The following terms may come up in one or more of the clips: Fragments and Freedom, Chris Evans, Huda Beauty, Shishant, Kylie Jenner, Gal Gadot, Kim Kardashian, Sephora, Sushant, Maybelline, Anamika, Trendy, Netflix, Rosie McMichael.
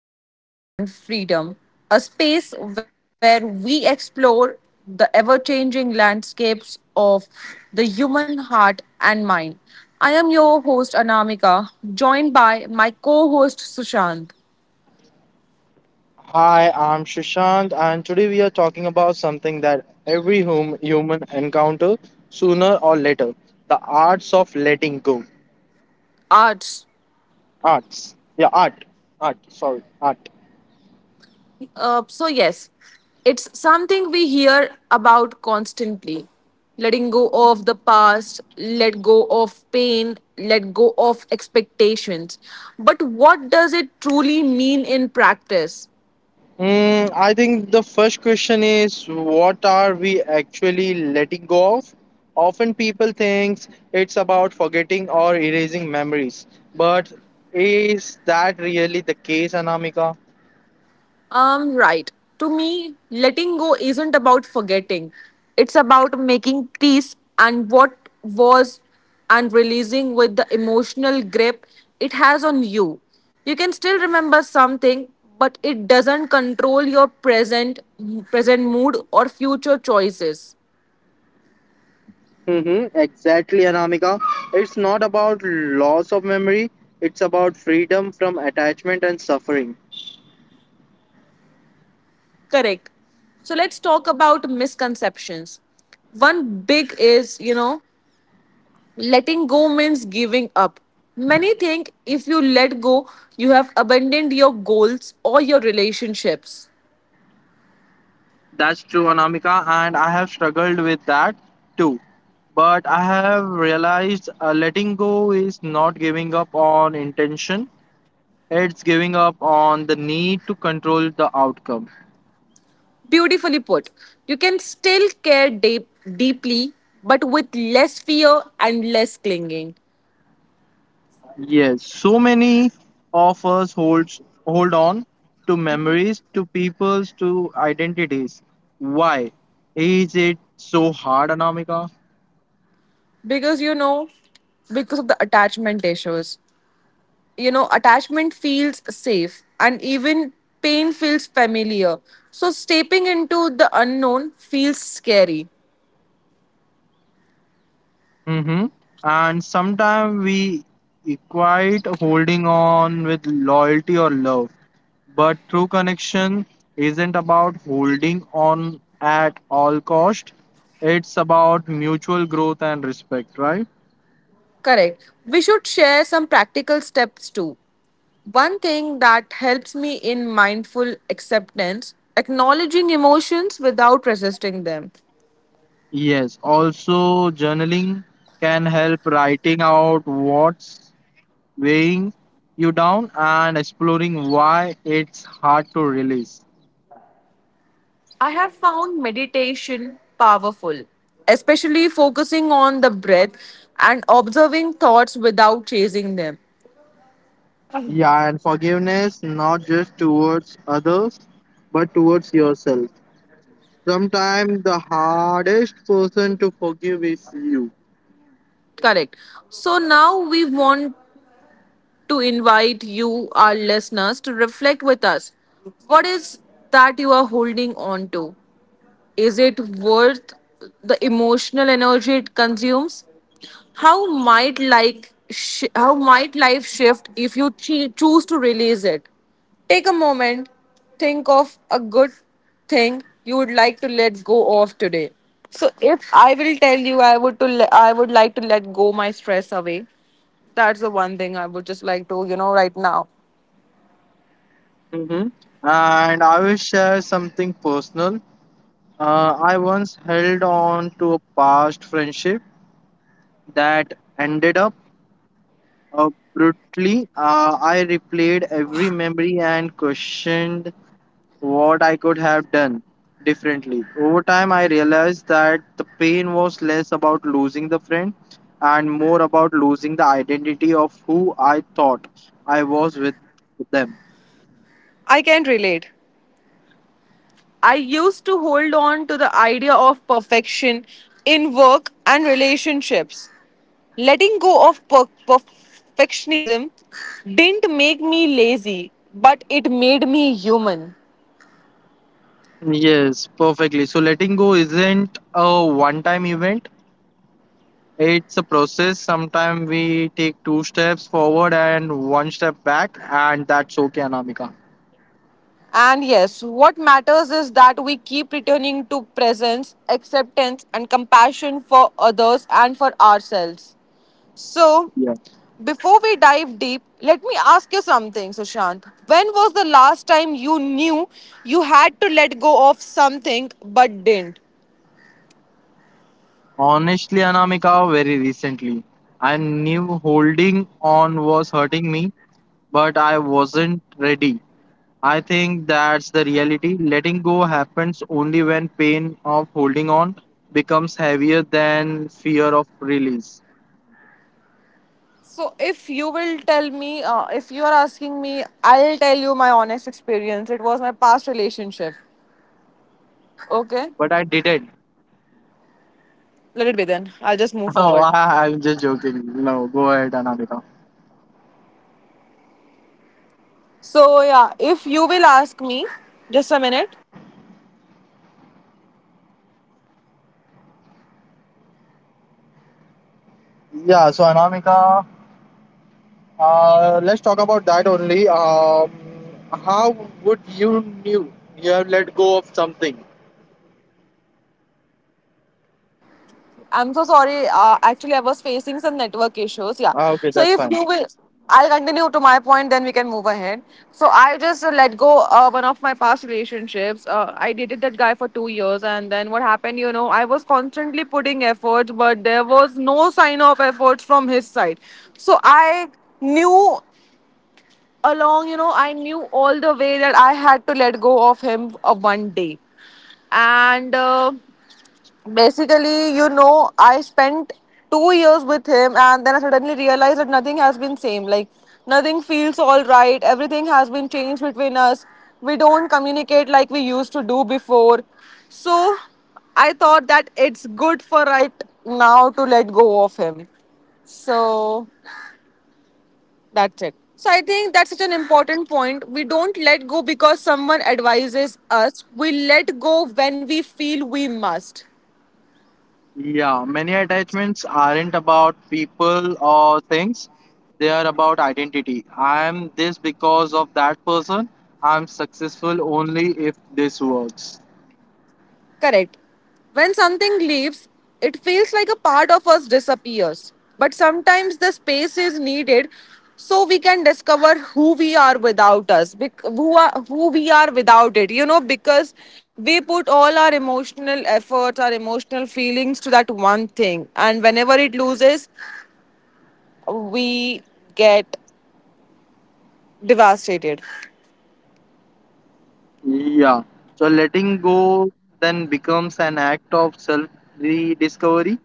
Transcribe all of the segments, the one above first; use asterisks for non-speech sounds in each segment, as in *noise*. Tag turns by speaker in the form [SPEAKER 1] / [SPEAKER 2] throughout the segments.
[SPEAKER 1] back to Fragments and Freedom, a space where we explore the ever changing landscapes of the human heart and mind. I am your host, Anamika, joined by my co host, Sushant.
[SPEAKER 2] Hi, I'm Shishant, and today we are talking about something that every human encounter sooner or later: the arts of letting go.
[SPEAKER 1] Arts.
[SPEAKER 2] Arts, yeah, art.
[SPEAKER 1] Yes, it's something we hear about constantly. Letting go of the past, let go of pain, let go of expectations. But what does it truly mean in practice?
[SPEAKER 2] Mm, I think the first question is what are we actually letting go of? Often people think it's about forgetting or erasing memories, but is that really the case, Anamika?
[SPEAKER 1] Right. To me, letting go isn't about forgetting. It's about making peace and what was and releasing with the emotional grip it has on you. You can still remember something, but it doesn't control your present mood or future choices.
[SPEAKER 2] Mm-hmm, exactly, Anamika. It's not about loss of memory, it's about freedom from attachment and suffering.
[SPEAKER 1] Correct. So let's talk about misconceptions. One big is, letting go means giving up. Many think if you let go, you have abandoned your goals or your relationships.
[SPEAKER 2] That's true, Anamika, and I have struggled with that too. But I have realized letting go is not giving up on intention, it's giving up on the need to control the outcome.
[SPEAKER 1] Beautifully put. You can still care deeply, but with less fear and less clinging.
[SPEAKER 2] Yes, so many of us hold on to memories, to peoples, to identities. Why is it so hard, Anamika?
[SPEAKER 1] Because you know, because of the attachment issues. You know, attachment feels safe and even pain feels familiar. So, stepping into the unknown feels scary.
[SPEAKER 2] Mm-hmm. And sometimes we equate holding on with loyalty or love, but true connection isn't about holding on at all cost. It's about mutual growth and respect, right?
[SPEAKER 1] Correct. We should share some practical steps too. One thing that helps me in mindful acceptance, acknowledging emotions without resisting them.
[SPEAKER 2] Yes, also journaling can help writing out what's weighing you down and exploring why it's hard to release.
[SPEAKER 1] I have found meditation powerful, especially focusing on the breath and observing thoughts without chasing them.
[SPEAKER 2] Yeah, and forgiveness not just towards others but towards yourself. Sometimes the hardest person to forgive is you.
[SPEAKER 1] Correct. So now we want to invite you, our listeners, to reflect with us. What is that you are holding on to? Is it worth the emotional energy it consumes? How might life shift if you choose to release it? Take a moment, think of a good thing you would like to let go of today. So if I will tell you I would like to let go my stress away. That's the one thing I would just like to, right now.
[SPEAKER 2] Hmm. And I will share something personal. I once held on to a past friendship that ended up brutally, I replayed every memory and questioned what I could have done differently. Over time, I realized that the pain was less about losing the friend and more about losing the identity of who I thought I was with them.
[SPEAKER 1] I can relate. I used to hold on to the idea of perfection in work and relationships. Letting go of perfectionism didn't make me lazy, but it made me human.
[SPEAKER 2] Yes, perfectly. So letting go isn't a one time event. It's a process. Sometimes we take two steps forward and one step back, and that's okay, Anamika.
[SPEAKER 1] And yes, what matters is that we keep returning to presence, acceptance, and compassion for others and for ourselves. So,
[SPEAKER 2] Yeah.
[SPEAKER 1] before we dive deep, let me ask you something, Sushant. When was the last time you knew you had to let go of something but didn't?
[SPEAKER 2] Honestly, Anamika, very recently. I knew holding on was hurting me, but I wasn't ready. I think that's the reality. Letting go happens only when pain of holding on becomes heavier than fear of release.
[SPEAKER 1] So, if you will tell me, if you are asking me, I'll tell you my honest experience. It was my past relationship. Okay?
[SPEAKER 2] But I didn't. *laughs*
[SPEAKER 1] Let it be then. I'll just move
[SPEAKER 2] Oh,
[SPEAKER 1] forward.
[SPEAKER 2] I'm just joking. No, go ahead, Anamika.
[SPEAKER 1] So, yeah, if you will ask me, just a minute.
[SPEAKER 2] Yeah, so Anamika, let's talk about that only. How would you knew you have let go of something?
[SPEAKER 1] I'm so sorry. Actually, I was facing some network issues. Yeah.
[SPEAKER 2] Ah, okay,
[SPEAKER 1] So
[SPEAKER 2] that's
[SPEAKER 1] if
[SPEAKER 2] fine.
[SPEAKER 1] you will, I'll continue to my point. Then we can move ahead. So I just let go one of my past relationships. I dated that guy for 2 years, and then what happened? You know, I was constantly putting effort, but there was no sign of effort from his side. So I knew along, you know, I knew all the way that I had to let go of him one day and basically, you know, I spent 2 years with him, and then I suddenly realized that nothing has been same. Like, nothing feels all right. Everything has been changed between us. We don't communicate like we used to do before. So I thought that it's good for right now to let go of him. So that's it. So I think that's such an important point. We don't let go because someone advises us. We let go when we feel we must.
[SPEAKER 2] Yeah, many attachments aren't about people or things. They are about identity. I am this because of that person. I'm successful only if this works.
[SPEAKER 1] Correct. When something leaves, it feels like a part of us disappears. But sometimes the space is needed so we can discover who we are without who, are, who we are without it. You know, because we put all our emotional efforts, our emotional feelings to that one thing. And whenever it loses, we get devastated.
[SPEAKER 2] Yeah. So letting go then becomes an act of self rediscovery.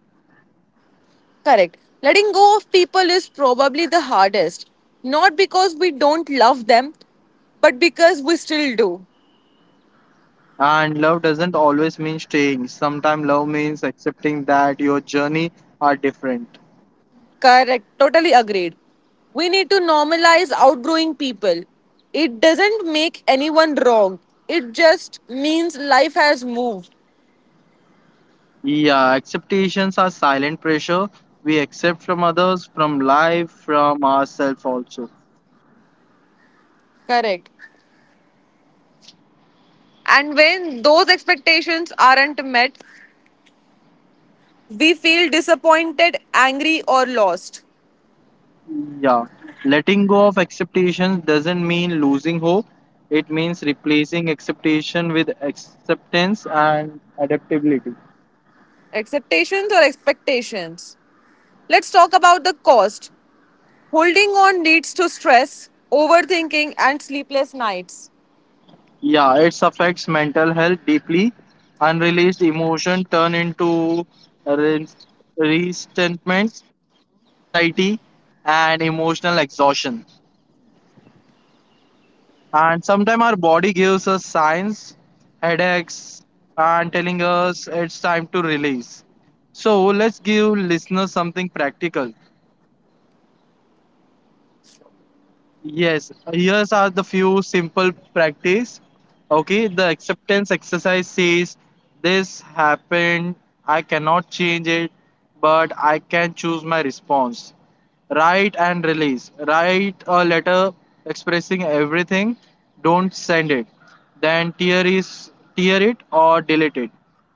[SPEAKER 1] Correct. Letting go of people is probably the hardest. Not because we don't love them, but because we still do.
[SPEAKER 2] And love doesn't always mean staying. Sometimes love means accepting that your journey are different.
[SPEAKER 1] Correct. Totally agreed. We need to normalize outgrowing people. It doesn't make anyone wrong, it just means life has moved.
[SPEAKER 2] Yeah, expectations are silent pressure we accept from others, from life, from ourselves also.
[SPEAKER 1] Correct. And when those expectations aren't met, we feel disappointed, angry, or lost.
[SPEAKER 2] Yeah, letting go of expectations doesn't mean losing hope. It means replacing expectation with acceptance and adaptability.
[SPEAKER 1] Expectations or expectations? Let's talk about the cost. Holding on leads to stress, overthinking, and sleepless nights.
[SPEAKER 2] Yeah, it affects mental health deeply. Unreleased emotion turn into re- resentment, anxiety, and emotional exhaustion. And sometimes our body gives us signs headaches and telling us it's time to release, so let's give listeners something practical. Yes, here's are the few simple practice. Okay, the acceptance exercise says this happened, I cannot change it, but I can choose my response. Write and release. Write a letter expressing everything, don't send it. Then tear it or delete it.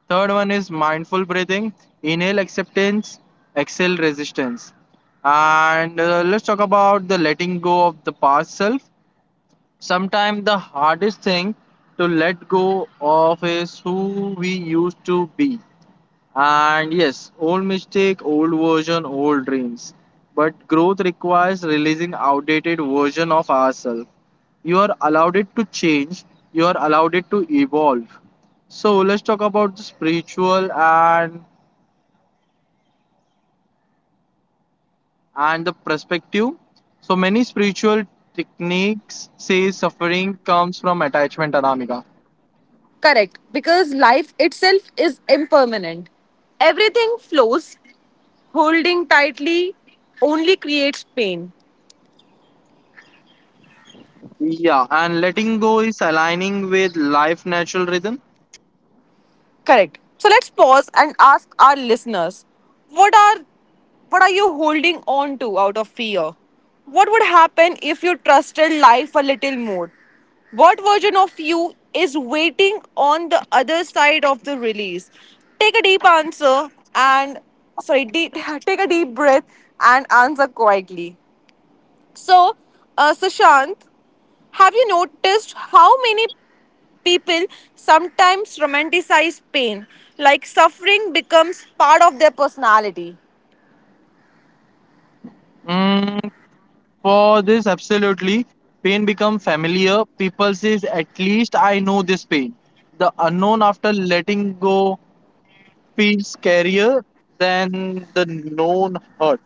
[SPEAKER 2] Third one is mindful breathing. Inhale acceptance, exhale resistance. And let's talk about the letting go of the past self. Sometimes the hardest thing to let go of is who we used to be. And yes, old mistake, old version, old dreams. But growth requires releasing outdated version of ourselves. You are allowed it to change, you are allowed it to evolve. So let's talk about the spiritual and the perspective. So many spiritual techniques say suffering comes from attachment, Anamika.
[SPEAKER 1] Correct, because life itself is impermanent. Everything flows, holding tightly only creates pain.
[SPEAKER 2] Yeah, and letting go is aligning with life natural rhythm.
[SPEAKER 1] Correct. So let's pause and ask our listeners what are what are you holding on to out of fear? What would happen if you trusted life a little more? What version of you is waiting on the other side of the release? Take a deep answer and sorry, deep, *laughs* take a deep breath and answer quietly. So, Sushant, have you noticed how many people sometimes romanticize pain, like suffering becomes part of their personality.
[SPEAKER 2] Mm, for this, absolutely. Pain become familiar. People says, at least I know this pain. The unknown after letting go feels scarier than the known hurt.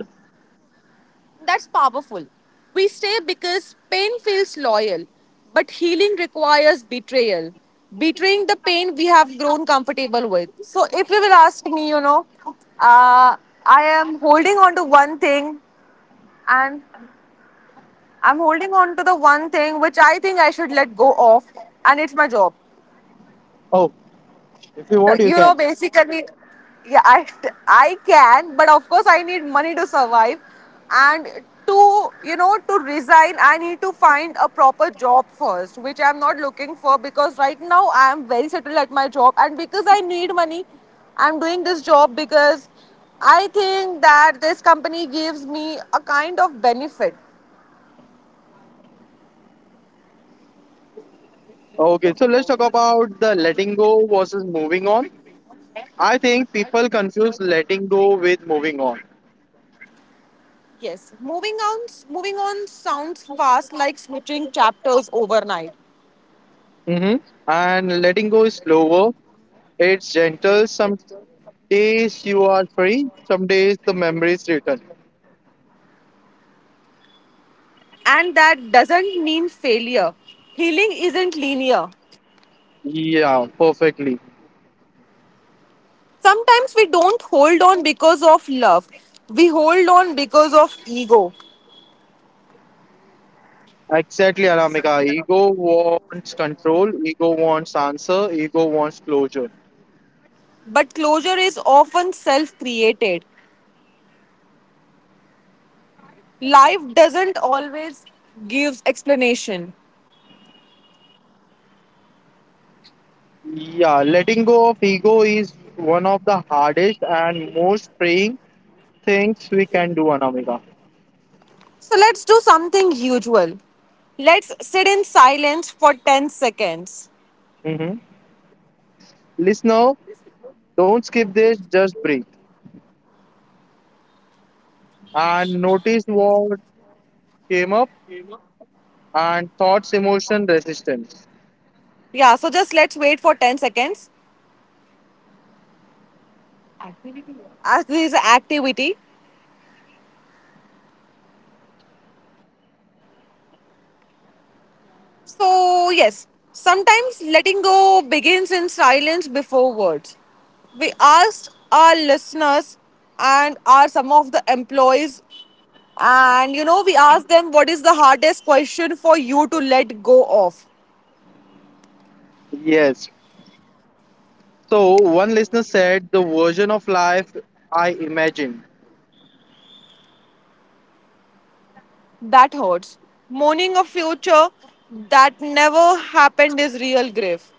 [SPEAKER 1] That's powerful. We stay because pain feels loyal, but healing requires betrayal. Betraying the pain we have grown comfortable with. So, if you will ask me, I am holding on to one thing and I'm holding on to the one thing which I think I should let go of, and it's my job.
[SPEAKER 2] Oh, if you
[SPEAKER 1] No,
[SPEAKER 2] want, you
[SPEAKER 1] you know,
[SPEAKER 2] can.
[SPEAKER 1] basically, yeah, I can, but of course, I need money to survive. And to, you know, to resign, I need to find a proper job first, which I'm not looking for because right now I am very settled at my job. And because I need money, I'm doing this job because I think that this company gives me a kind of benefit.
[SPEAKER 2] Okay, so let's talk about the letting go versus moving on. I think people confuse letting go with moving on.
[SPEAKER 1] Yes, moving on sounds fast, like switching chapters overnight.
[SPEAKER 2] Hmm. And letting go is slower, it's gentle. Some days you are free, some days the memories return.
[SPEAKER 1] And that doesn't mean failure. Healing isn't linear.
[SPEAKER 2] Yeah, perfectly.
[SPEAKER 1] Sometimes we don't hold on because of love, we hold on because of ego.
[SPEAKER 2] Exactly, Aramika. Ego wants control, ego wants answer, ego wants closure.
[SPEAKER 1] But closure is often self created. Life doesn't always give explanation.
[SPEAKER 2] Yeah, letting go of ego is one of the hardest and most freeing things we can do, Anamika.
[SPEAKER 1] So let's do something usual. Let's sit in silence for 10 seconds.
[SPEAKER 2] Mm-hmm. Listener, don't skip this, just breathe. And noticed what came up and thoughts, emotion, resistance.
[SPEAKER 1] Yeah, so just let's wait for 10 seconds as this activity. So, yes, sometimes letting go begins in silence before words. We asked our listeners and are some of the employees, and you know, we asked them what is the hardest question for you to let go of.
[SPEAKER 2] Yes. So one listener said the version of life I imagined.
[SPEAKER 1] That hurts. Mourning a future that never happened is real grief.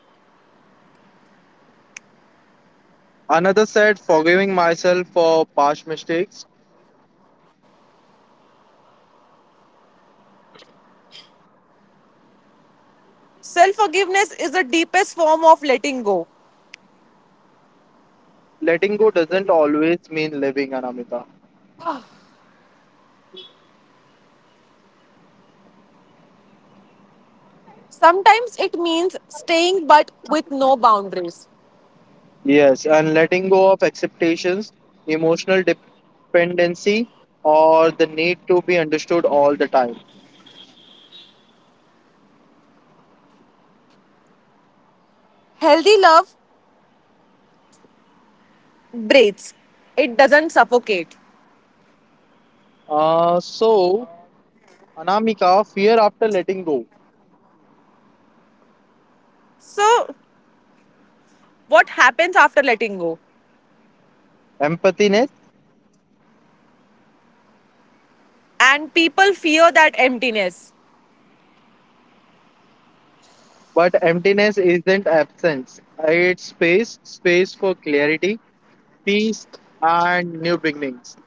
[SPEAKER 2] Another said forgiving myself for past mistakes.
[SPEAKER 1] Self forgiveness is the deepest form of letting go.
[SPEAKER 2] Letting go doesn't always mean living, Anamika.
[SPEAKER 1] Sometimes it means staying but with no boundaries.
[SPEAKER 2] Yes, and letting go of expectations, emotional dependency, or the need to be understood all the time.
[SPEAKER 1] Healthy love breathes, it doesn't suffocate.
[SPEAKER 2] Uh, so, Anamika, fear after letting go,
[SPEAKER 1] So, what happens after letting go?
[SPEAKER 2] empathy.
[SPEAKER 1] And people fear that emptiness.
[SPEAKER 2] But emptiness isn't absence, it's space, space for clarity, peace, and new beginnings.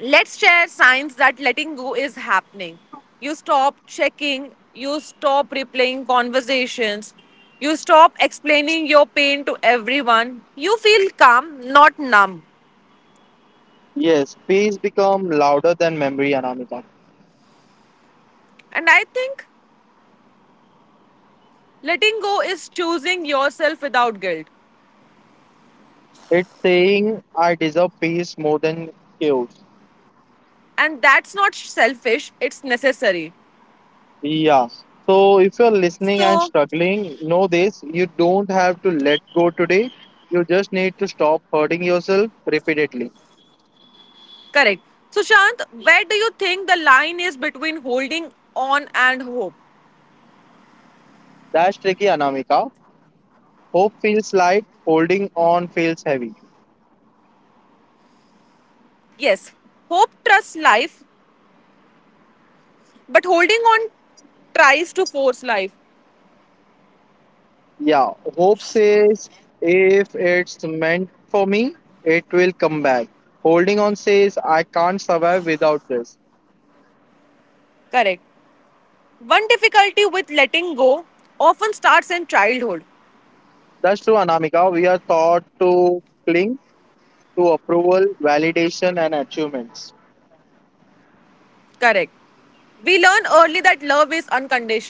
[SPEAKER 1] Let's share signs that letting go is happening. You stop checking, you stop replaying conversations, you stop explaining your pain to everyone. You feel calm, not numb.
[SPEAKER 2] Yes, peace become louder than memory, Anamika.
[SPEAKER 1] And I think letting go is choosing yourself without guilt.
[SPEAKER 2] It's saying I deserve peace more than chaos.
[SPEAKER 1] And that's not selfish, it's necessary.
[SPEAKER 2] Yeah. So if you're listening and
[SPEAKER 1] So,
[SPEAKER 2] struggling, know this, you don't have to let go today. You just need to stop hurting yourself repeatedly.
[SPEAKER 1] correct. So, Shant, where do you think the line is between holding on and hope?
[SPEAKER 2] That's tricky, Anamika. Hope feels light, holding on feels heavy.
[SPEAKER 1] Yes, hope trusts life, but holding on tries to force life.
[SPEAKER 2] Yeah, hope says if it's meant for me, it will come back. Holding on says I can't survive without this.
[SPEAKER 1] Correct. One difficulty with letting go often starts in childhood.
[SPEAKER 2] That's true, Anamika. We are taught to cling to approval, validation, and achievements.
[SPEAKER 1] Correct. We learn early that love is unconditional.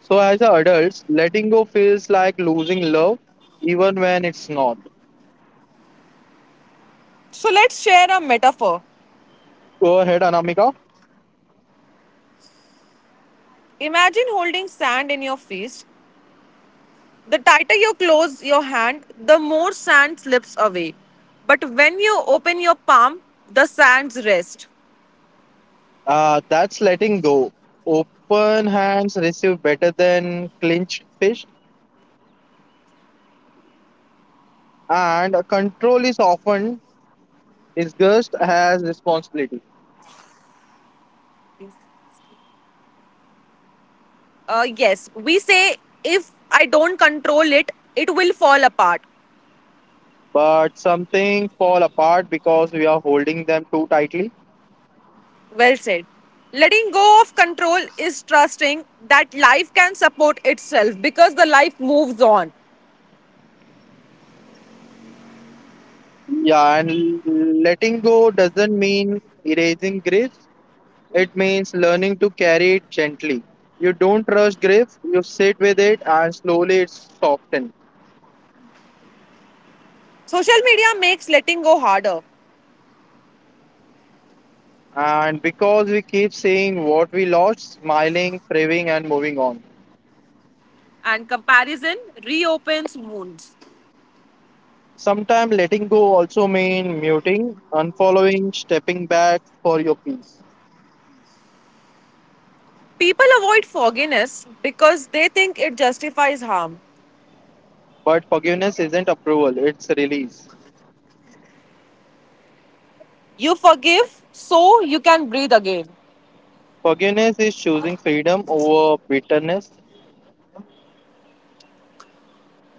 [SPEAKER 2] So, as adults, letting go feels like losing love, even when it's not.
[SPEAKER 1] So, let's share a metaphor.
[SPEAKER 2] Go ahead, Anamika.
[SPEAKER 1] Imagine holding sand in your fist. The tighter you close your hand, the more sand slips away. But when you open your palm, the sands rest.
[SPEAKER 2] That's letting go. Open hands receive better than clenched fists, and control is often disgust has responsibility,
[SPEAKER 1] Yes, we say if I don't control it, it will fall apart.
[SPEAKER 2] but something fall apart because we are holding them too tightly.
[SPEAKER 1] Well said. Letting go of control is trusting that life can support itself because the life moves on.
[SPEAKER 2] Yeah, and letting go doesn't mean erasing griefs. It means learning to carry it gently. You don't rush grief, you sit with it and slowly it softens.
[SPEAKER 1] Social media makes letting go harder,
[SPEAKER 2] And because we keep saying what we lost, smiling, craving and moving on.
[SPEAKER 1] and comparison reopens wounds.
[SPEAKER 2] Sometimes letting go also mean muting, unfollowing, stepping back for your peace.
[SPEAKER 1] People avoid forgiveness because they think it justifies harm.
[SPEAKER 2] But forgiveness isn't approval, it's release.
[SPEAKER 1] You forgive so you can breathe again.
[SPEAKER 2] Forgiveness is choosing freedom over bitterness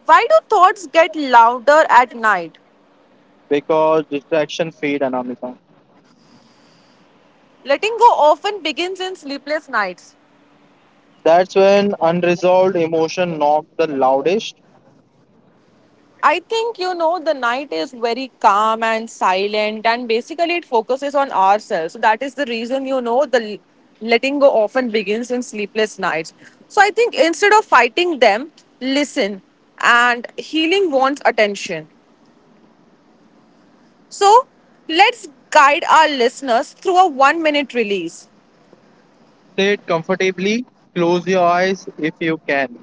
[SPEAKER 1] Why do thoughts get louder at night?
[SPEAKER 2] because distraction fade, Anamika.
[SPEAKER 1] Letting go often begins in sleepless nights.
[SPEAKER 2] That's when unresolved emotion knocks the loudest.
[SPEAKER 1] I think, you know, the night is very calm and silent, and basically it focuses on ourselves. So that is the reason, you know, the letting go often begins in sleepless nights. So I think instead of fighting them, listen, and healing wants attention. So let's guide our listeners through a one-minute release.
[SPEAKER 2] Sit comfortably, close your eyes if you can.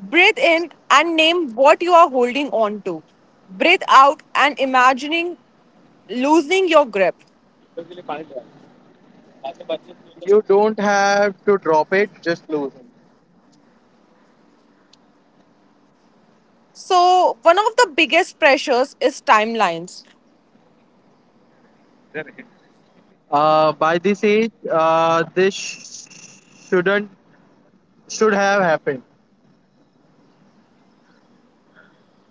[SPEAKER 1] Breathe in and name what you are holding on to. Breathe out and imagining loosening your grip.
[SPEAKER 2] You don't have to drop it, just lose it.
[SPEAKER 1] So, one of the biggest pressures is timelines.
[SPEAKER 2] By this age, this sh- shouldn't should have happened.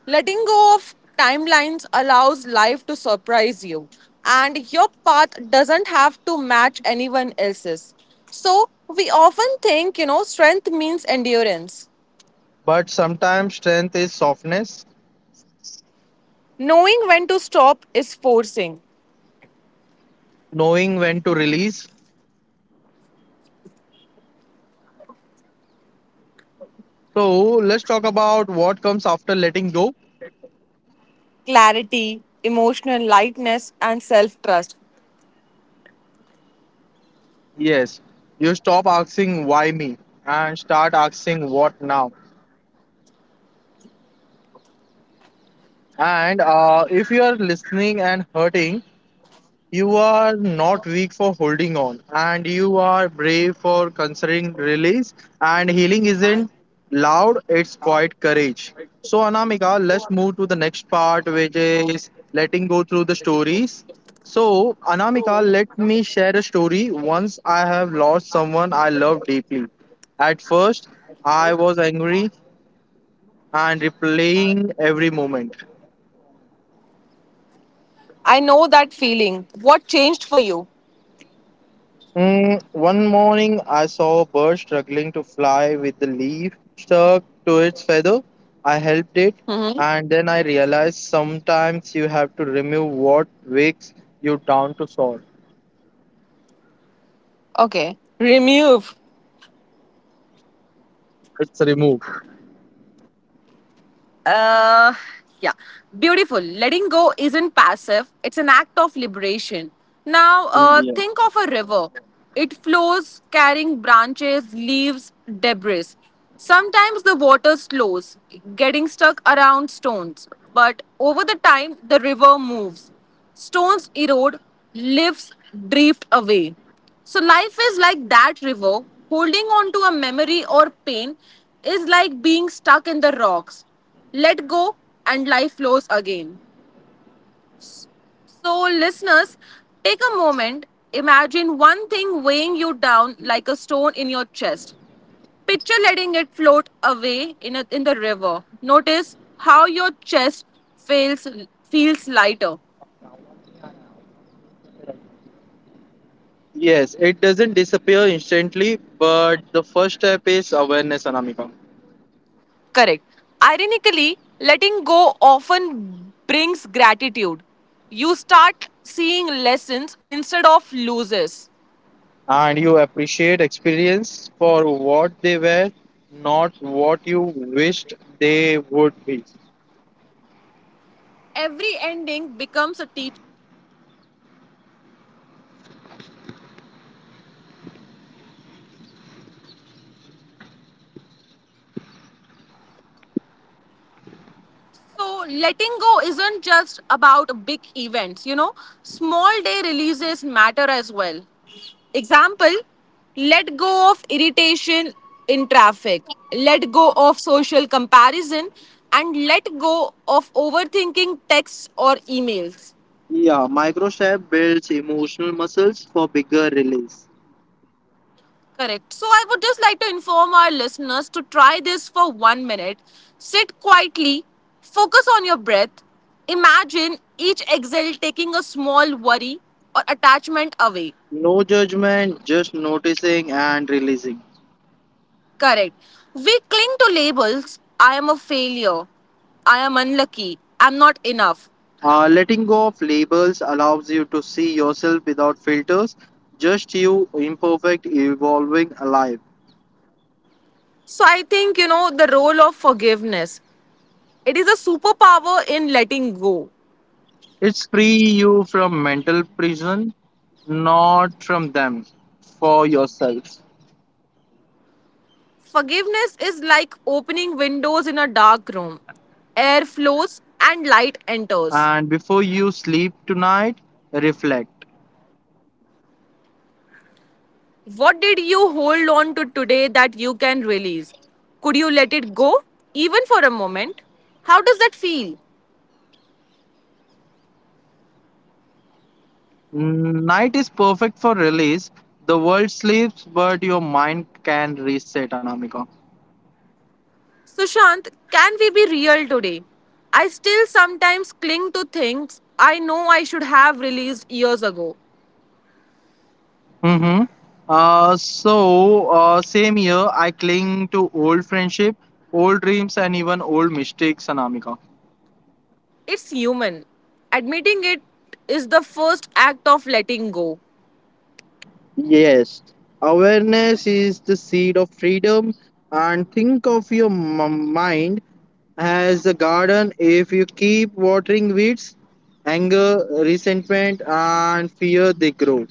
[SPEAKER 1] Letting go of timelines allows life to surprise you, and your path doesn't have to match anyone else's. So, we often think, you know, strength means endurance.
[SPEAKER 2] But sometimes strength is softness,
[SPEAKER 1] Knowing when to stop is forcing.
[SPEAKER 2] knowing when to release. So let's talk about what comes after letting go.
[SPEAKER 1] Clarity, emotional lightness, and self trust.
[SPEAKER 2] Yes, you stop asking why me and start asking what now. And if you are listening and hurting, you are not weak for holding on, and you are brave for considering release. And healing isn't loud, it's quiet courage. So, Anamika, let's move to the next part, which is letting go through the stories. So, Anamika, let me share a story. Once I have lost someone I love deeply. At first, I was angry and replaying every moment.
[SPEAKER 1] I know that feeling. What changed for you?
[SPEAKER 2] Mm, one morning, I saw a bird struggling to fly with the leaf stuck to its feather. I helped it,
[SPEAKER 1] Hmm.
[SPEAKER 2] and then I realized sometimes you have to remove what weighs you down to solve.
[SPEAKER 1] Okay. Remove.
[SPEAKER 2] It's removed.
[SPEAKER 1] Uh, yeah, beautiful. Letting go isn't passive, it's an act of liberation. Now, think of a river. It flows carrying branches, leaves, debris. Sometimes the water slows, getting stuck around stones. But over the time, the river moves. Stones erode, leaves drift away. So life is like that river. Holding on to a memory or pain is like being stuck in the rocks. Let go and life flows again. So, listeners, take a moment. Imagine one thing weighing you down like a stone in your chest. Picture letting it float away in the river. Notice how your chest feels, feels lighter.
[SPEAKER 2] Yes, it doesn't disappear instantly, but the first step is awareness, Anamika.
[SPEAKER 1] Correct. Ironically, letting go often brings gratitude. You start seeing lessons instead of losses.
[SPEAKER 2] And you appreciate experience for what they were, not what you wished they would be.
[SPEAKER 1] Every ending becomes a teacher. So, letting go isn't just about big events, small day releases matter as well. Example, let go of irritation in traffic, let go of social comparison, and let go of overthinking texts or emails.
[SPEAKER 2] Yeah, microstep builds emotional muscles for bigger release.
[SPEAKER 1] Correct. So I would just like to inform our listeners to try this for 1 minute. Sit quietly, focus on your breath. Imagine each exhale taking a small worry or attachment away.
[SPEAKER 2] No judgment, just noticing and releasing.
[SPEAKER 1] Correct. We cling to labels. I am a failure, I am unlucky, I'm not enough.
[SPEAKER 2] Letting go of labels allows you to see yourself without filters, just you, imperfect, evolving, alive.
[SPEAKER 1] So I think, the role of forgiveness. It is a superpower in letting go.
[SPEAKER 2] It's free you from mental prison, not from them, for yourself.
[SPEAKER 1] Forgiveness is like opening windows in a dark room. Air flows and light enters.
[SPEAKER 2] And before you sleep tonight, reflect.
[SPEAKER 1] What did you hold on to today that you can release? Could you let it go, even for a moment? How does that feel?
[SPEAKER 2] Mm, night is perfect for release. The world sleeps, but your mind can reset, Anamika.
[SPEAKER 1] Sushant, can we be real today? I still sometimes cling to things I know I should have released years ago.
[SPEAKER 2] Mm-hmm. Same year, I cling to old friendship, old dreams, and even old mistakes, Anamika.
[SPEAKER 1] It's human. Admitting it is the first act of letting go.
[SPEAKER 2] Yes, awareness is the seed of freedom, and think of your mind as a garden. If you keep watering weeds, anger, resentment, and fear, they grow.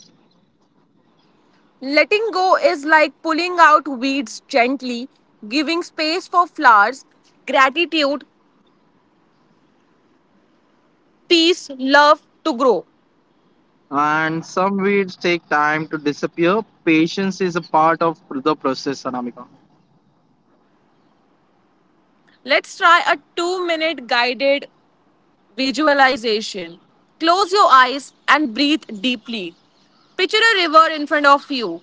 [SPEAKER 1] Letting go is like pulling out weeds gently, giving space for flowers, gratitude, peace, love to grow.
[SPEAKER 2] And some weeds take time to disappear. Patience is a part of the process, Anamika.
[SPEAKER 1] Let's try a 2 minute guided visualization. Close your eyes and breathe deeply. Picture a river in front of you.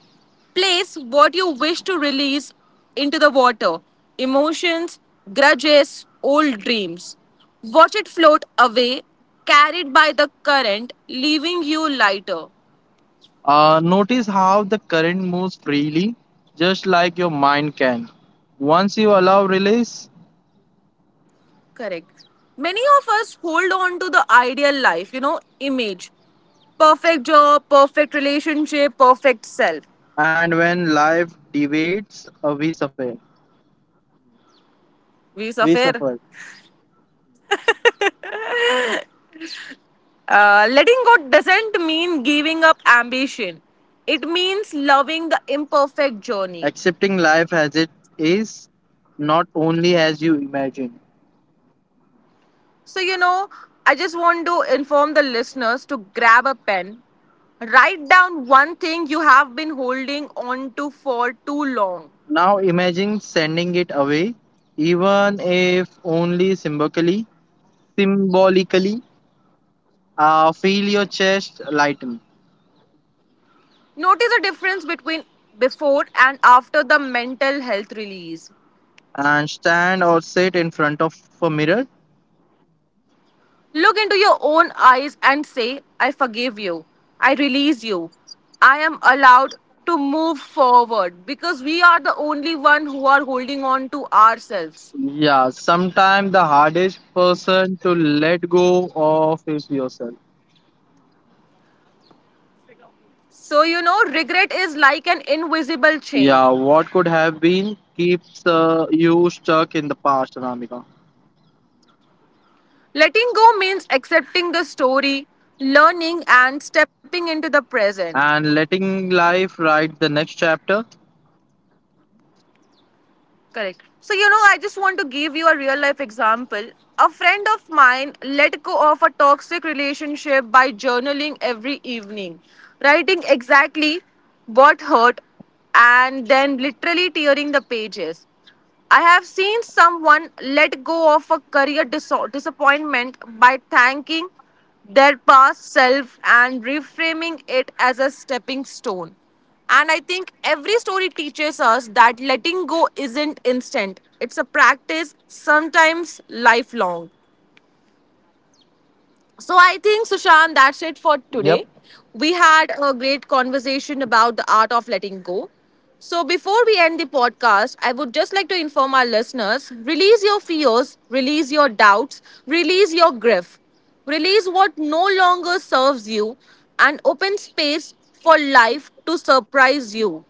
[SPEAKER 1] Place what you wish to release into the water, emotions, grudges, old dreams. Watch it float away, carried by the current, leaving you lighter.
[SPEAKER 2] Notice how the current moves freely, just like your mind can. Once you allow release,
[SPEAKER 1] Correct. Many of us hold on to the ideal life, image. Perfect job, perfect relationship, perfect self.
[SPEAKER 2] and when life deviates, we suffer.
[SPEAKER 1] We
[SPEAKER 2] We
[SPEAKER 1] suffer.
[SPEAKER 2] suffer.
[SPEAKER 1] Letting go doesn't mean giving up ambition. It means loving the imperfect journey.
[SPEAKER 2] Accepting life as it is, not only as you imagine.
[SPEAKER 1] So, I just want to inform the listeners to grab a pen, write down one thing you have been holding on to for too long.
[SPEAKER 2] Now imagine sending it away, even if only symbolically. Symbolically, feel your chest lighten
[SPEAKER 1] Notice the difference between before and after the mental health release.
[SPEAKER 2] and stand or sit in front of a mirror.
[SPEAKER 1] Look into your own eyes and say, I forgive you. I release you. I am allowed to move forward, because we are the only one who are holding on to ourselves.
[SPEAKER 2] Yeah, sometimes the hardest person to let go of is yourself.
[SPEAKER 1] So, regret is like an invisible chain.
[SPEAKER 2] Yeah, what could have been keeps you stuck in the past, Ramika.
[SPEAKER 1] Letting go means accepting the story, learning, and stepping into the present.
[SPEAKER 2] And letting life write the next chapter.
[SPEAKER 1] Correct. So, I just want to give you a real life example. A friend of mine let go of a toxic relationship by journaling every evening, writing exactly what hurt and then literally tearing the pages. I have seen someone let go of a career disappointment by thanking their past self and reframing it as a stepping stone. And I think every story teaches us that letting go isn't instant, it's a practice, sometimes lifelong. So I think, Sushant, that's it for
[SPEAKER 2] Yep.
[SPEAKER 1] today. We had a great conversation about the art of letting go. So before we end the podcast, I would just like to inform our listeners, release your fears, release your doubts, release your grief, release what no longer serves you, and open space for life to surprise you.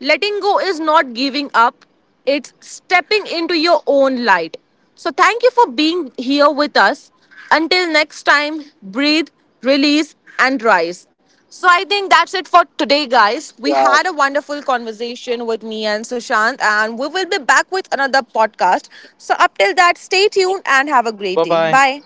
[SPEAKER 1] Letting go is not giving up, it's stepping into your own light. So, thank you for being here with us. Until next time, breathe, release, and rise. So, I think that's it for
[SPEAKER 2] Yeah.
[SPEAKER 1] today, guys. We had a wonderful conversation with me and Sushant, and we will be back with another podcast. So, up till that,
[SPEAKER 2] Bye
[SPEAKER 1] stay
[SPEAKER 2] bye.
[SPEAKER 1] tuned and have a great day. Bye.